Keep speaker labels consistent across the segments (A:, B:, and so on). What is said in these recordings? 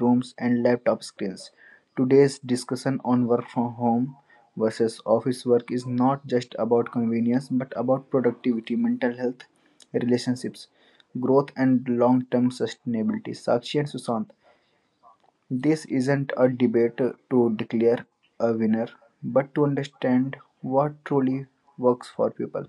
A: rooms and laptop screens. Today's discussion on work from home versus office work is not just about convenience but about productivity, mental health, relationships, growth, and long term sustainability. Sakshi and Sushant, this isn't a debate to declare a winner but to understand what truly works for people.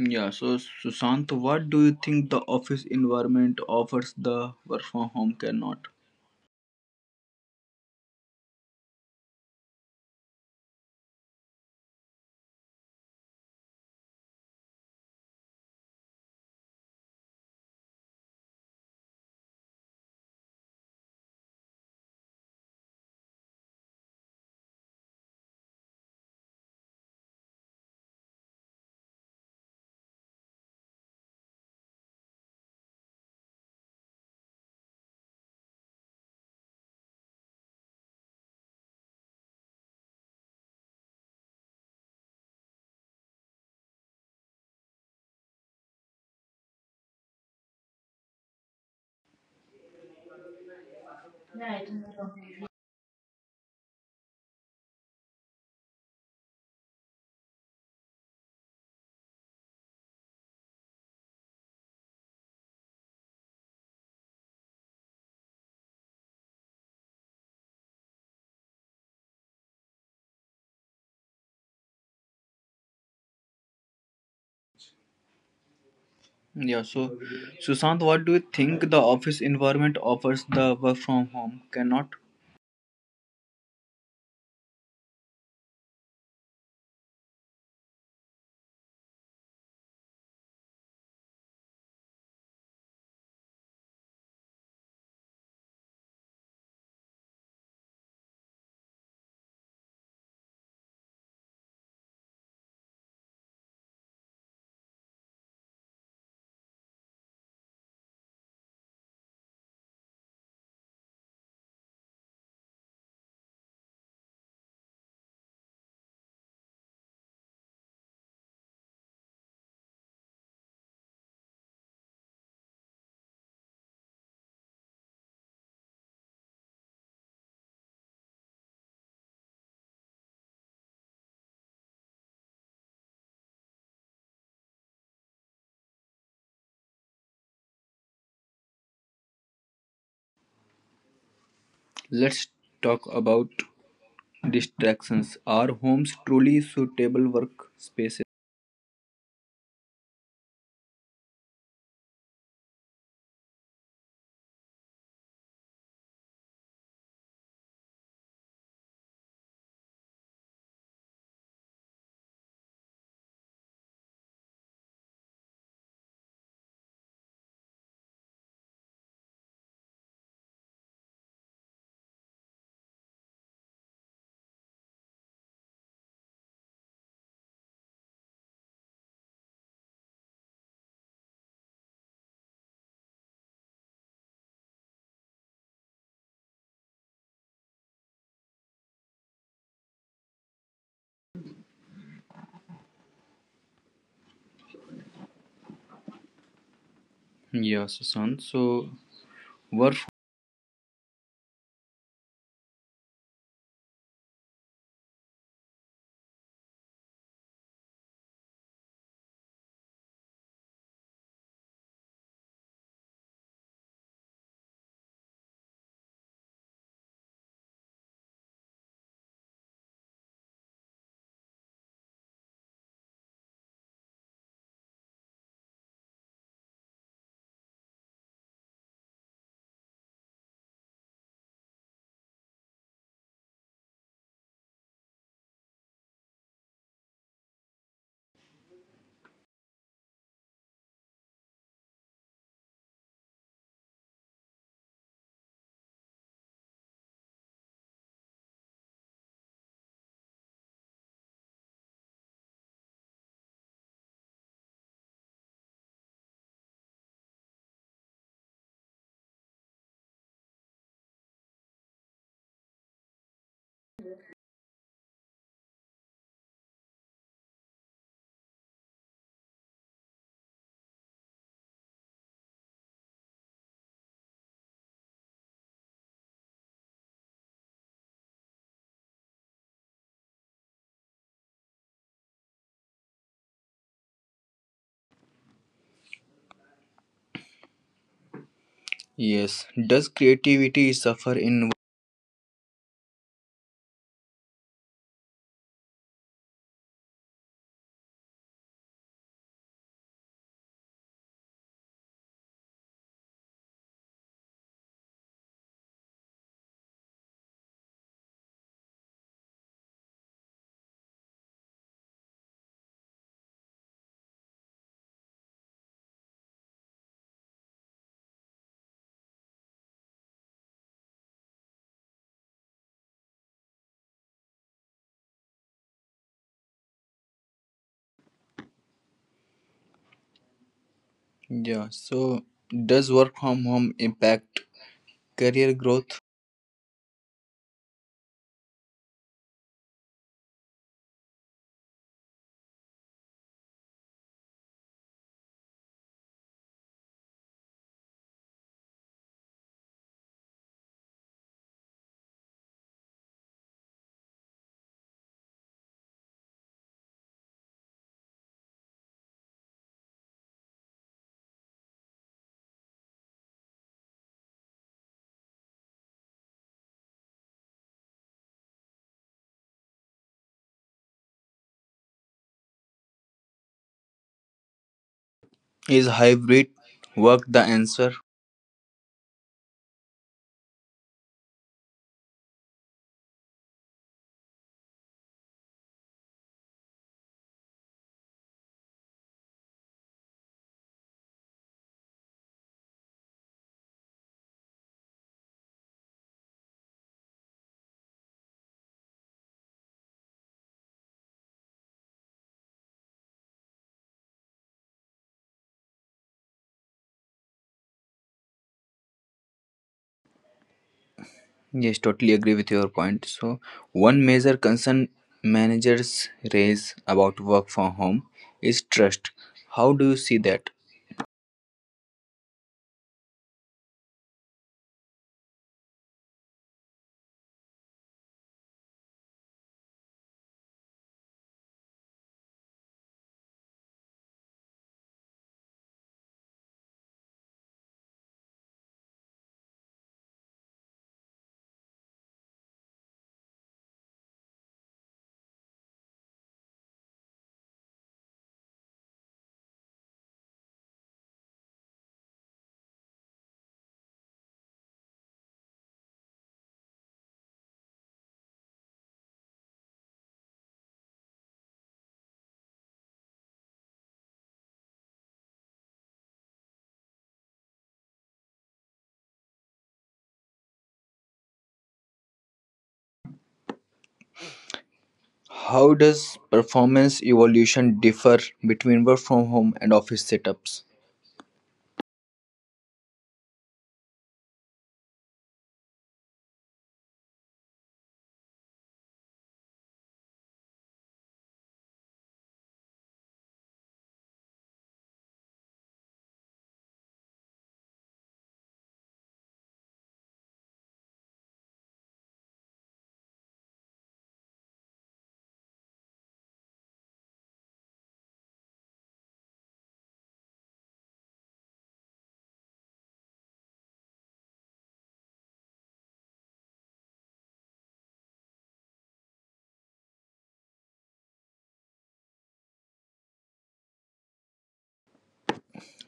A: Yeah, so Sushant, what do you think the office environment offers the work from home cannot? Yeah, so Sushant, what do you think the office environment offers the work from home cannot? Let's talk about distractions. Are homes truly suitable work spaces? Yeah, Sushant, so work Yes, does creativity suffer in Yeah, so does work from home impact career growth? Is hybrid work the answer? Yes, totally agree with your point. So, one major concern managers raise about work from home is trust. How do you see that? How does performance evolution differ between work from home and office setups?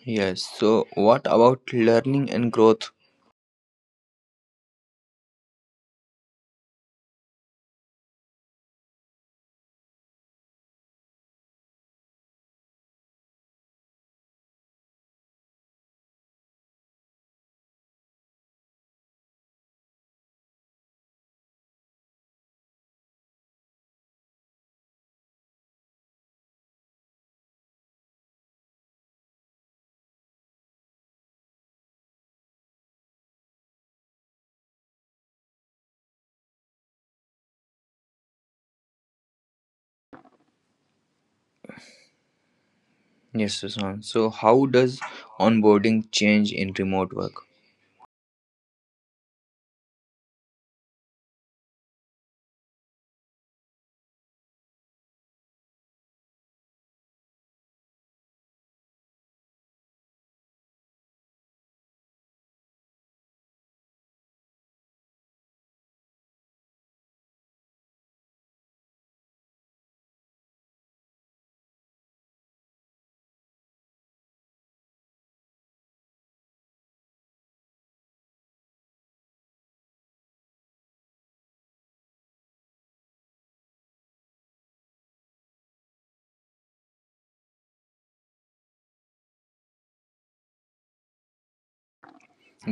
A: Yes, so what about learning and growth? Yes, Susan. So, how does onboarding change in remote work?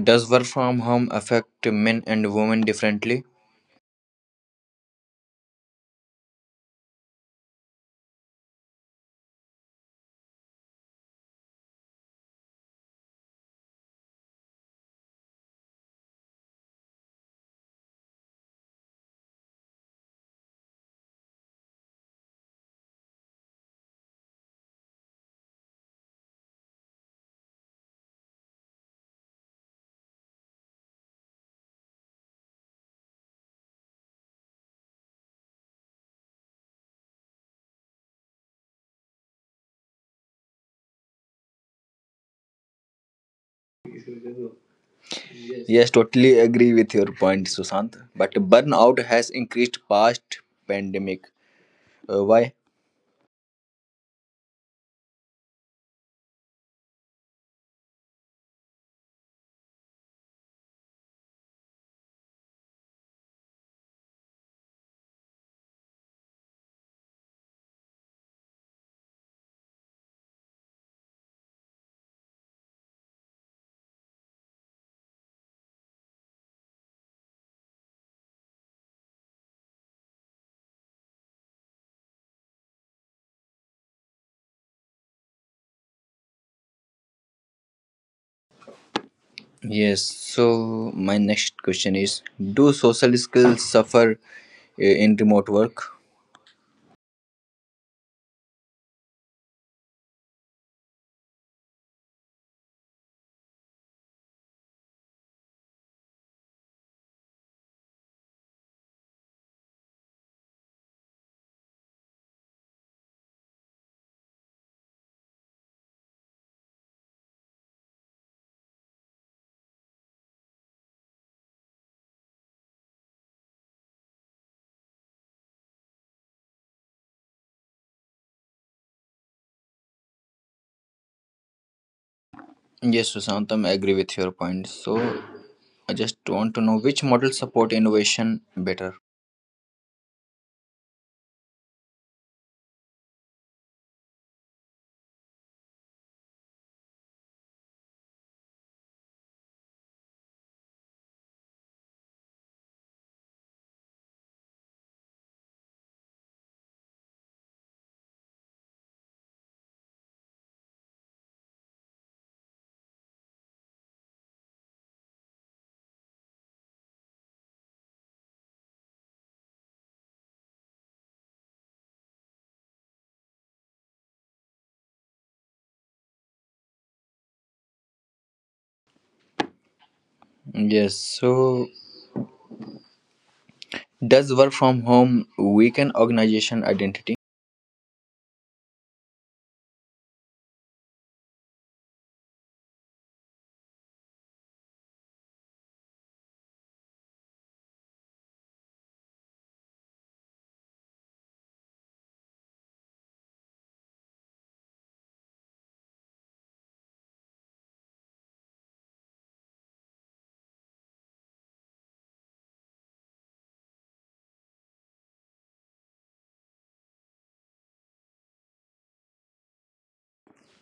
A: Does work from home affect men and women differently? Yes, totally agree with your point, Sushant. But burnout has increased past pandemic. Why? Yes. So my next question is: do social skills suffer in remote work? Yes, Sushant, I agree with your point. So I just want to know which model support innovation better. Yes. So does work from home weaken organization identity?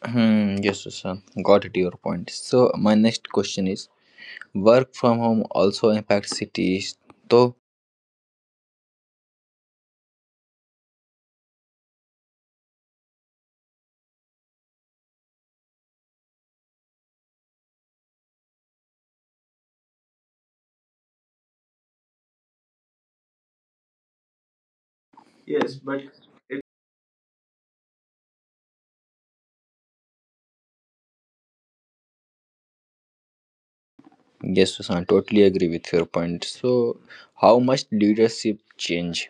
A: Hmm, yes, Sushant. Got it. Your point. So my next question is. Work from home also impacts cities, though. Yes, but Yes, Susan, totally agree with your point. So, how much leadership change?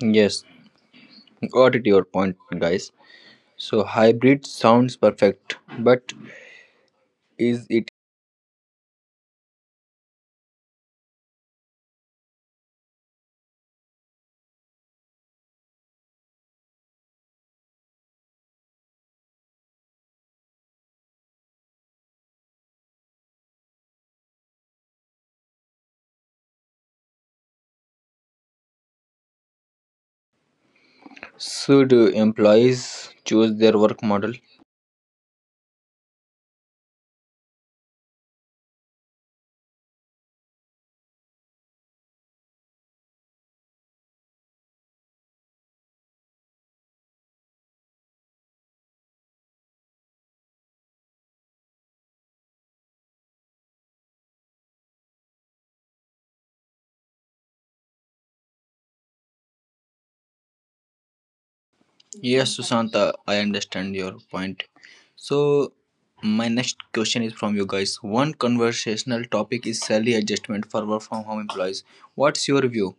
A: Yes, got it. Your point, guys. So, hybrid sounds perfect, but is it? Should employees choose their work model? Yes, Susanta, I understand your point. So, my next question is from you guys. One conversational topic is salary adjustment for work from home employees. What's your view?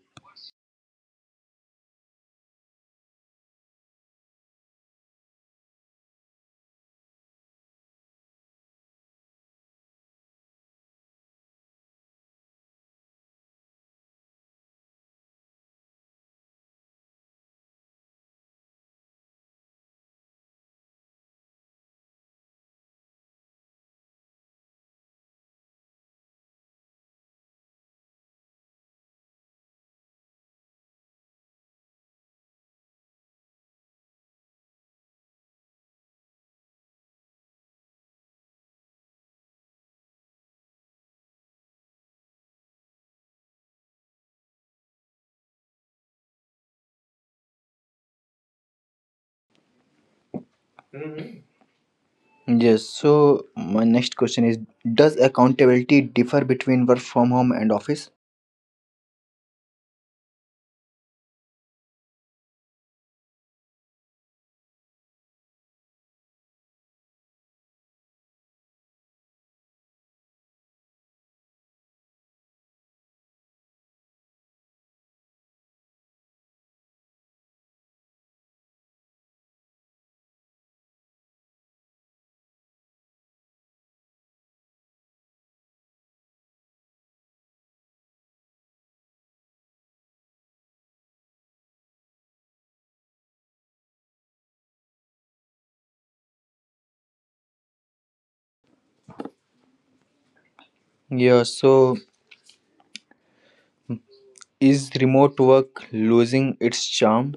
A: Yes, so my next question is: does accountability differ between work from home and office? Yeah, so is remote work losing its charm?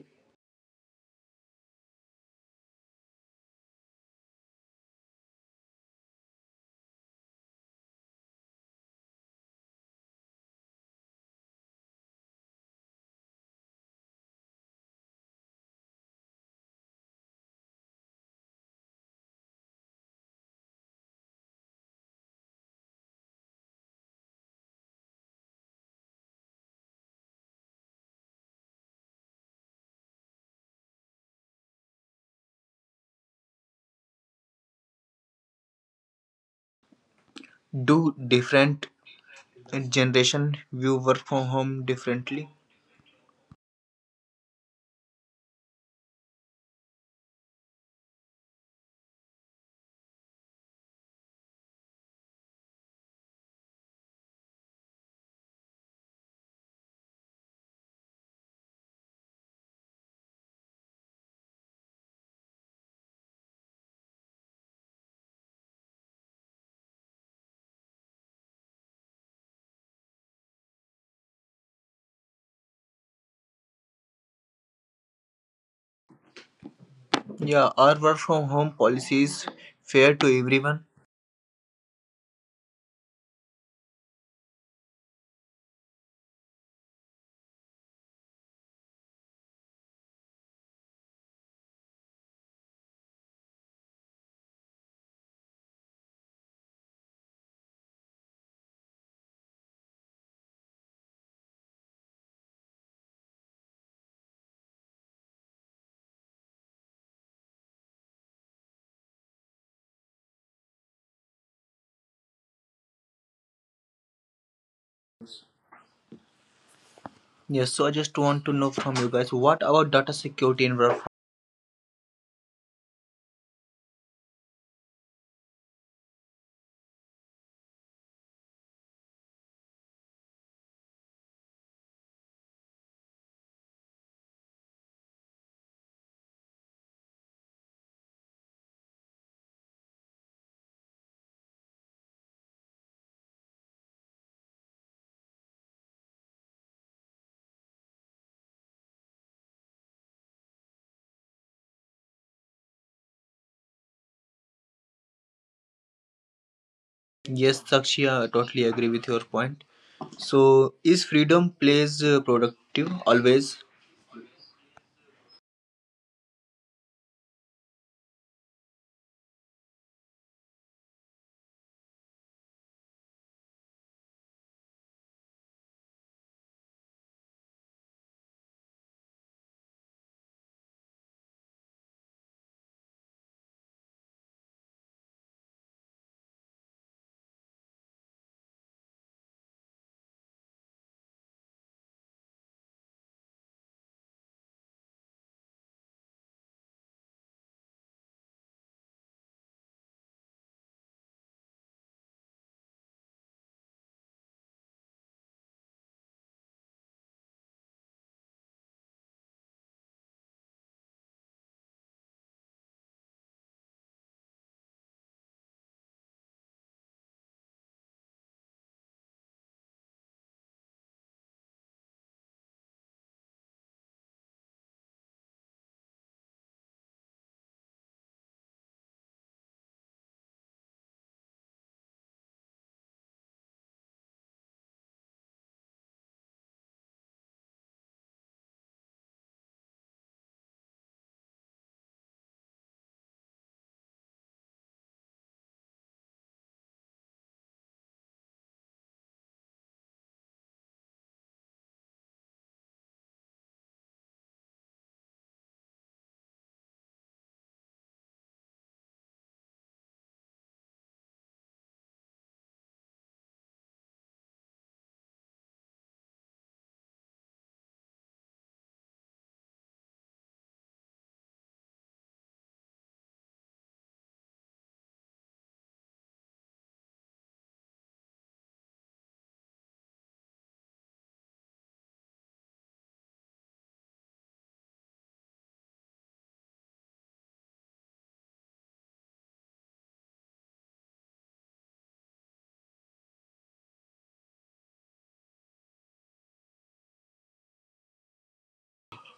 A: Do different generation view work from home differently? Yeah, are work from home policies fair to everyone? Yes, so I just want to know from you guys, what about data security in work? Yes, Sakshi, I totally agree with your point. So, is freedom plays productive always?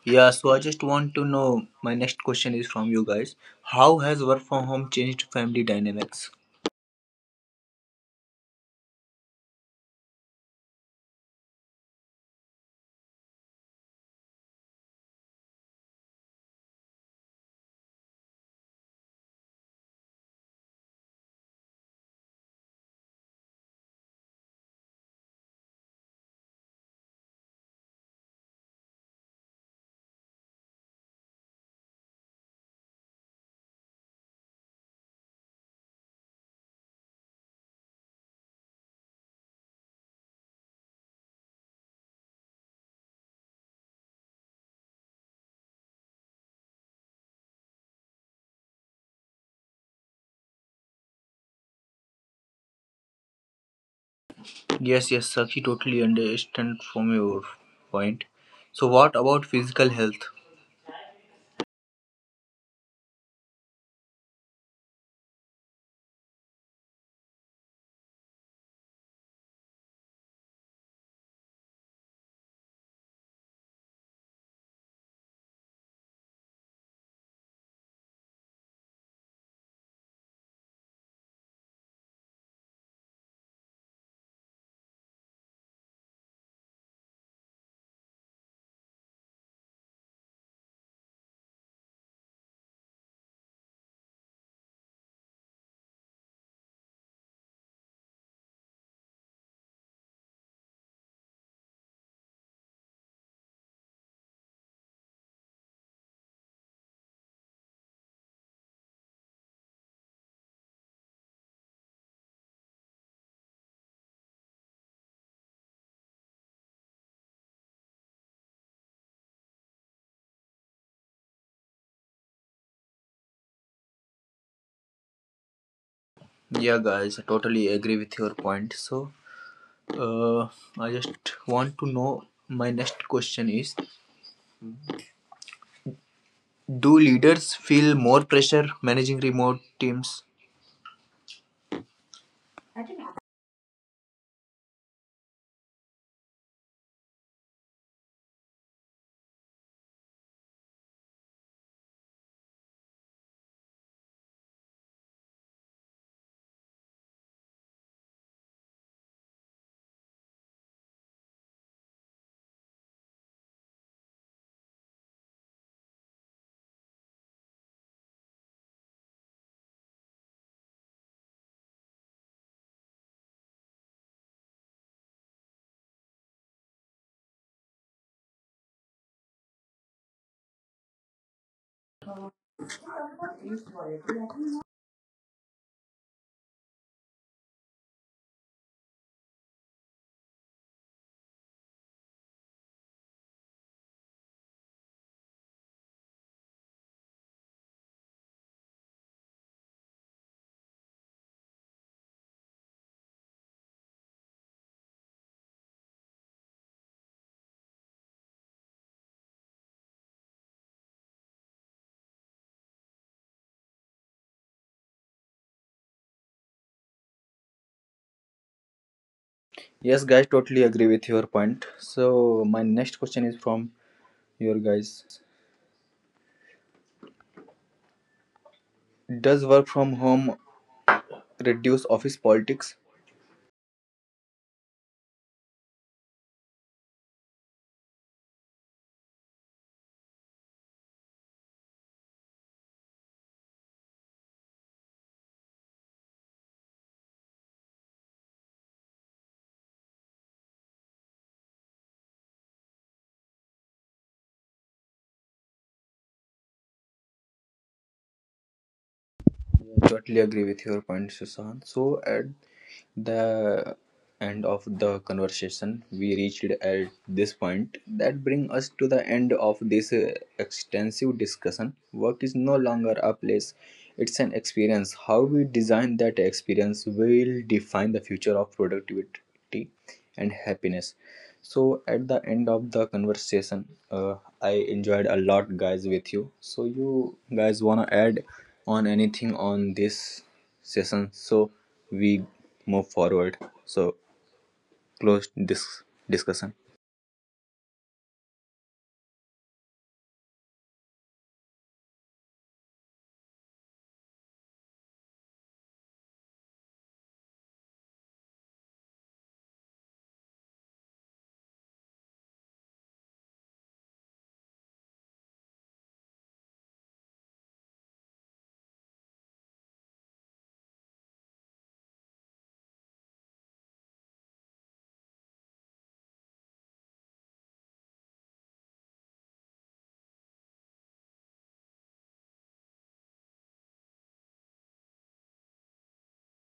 B: Yeah, so I just want to know, my next question is from you guys. How has work from home changed family dynamics? Yes, yes, Saki, totally understand from your point. So, what about physical health? Yeah, guys, I totally agree with your point. So, uh, I just want to know, my next question is, do leaders feel more pressure managing remote teams? Yes, guys, totally agree with your point. So, my next question is from your guys. Does work from home reduce office politics? Yeah, totally agree with your point, Susan. So at the end of the conversation, we reached at this point that bring us to the end of this extensive discussion. Work is no longer a place; it's an experience. How we design that experience will define the future of productivity and happiness. So at the end of the conversation, uh, I enjoyed a lot, guys, with you. So you guys want to add on anything on this session, so we move forward, so close this discussion.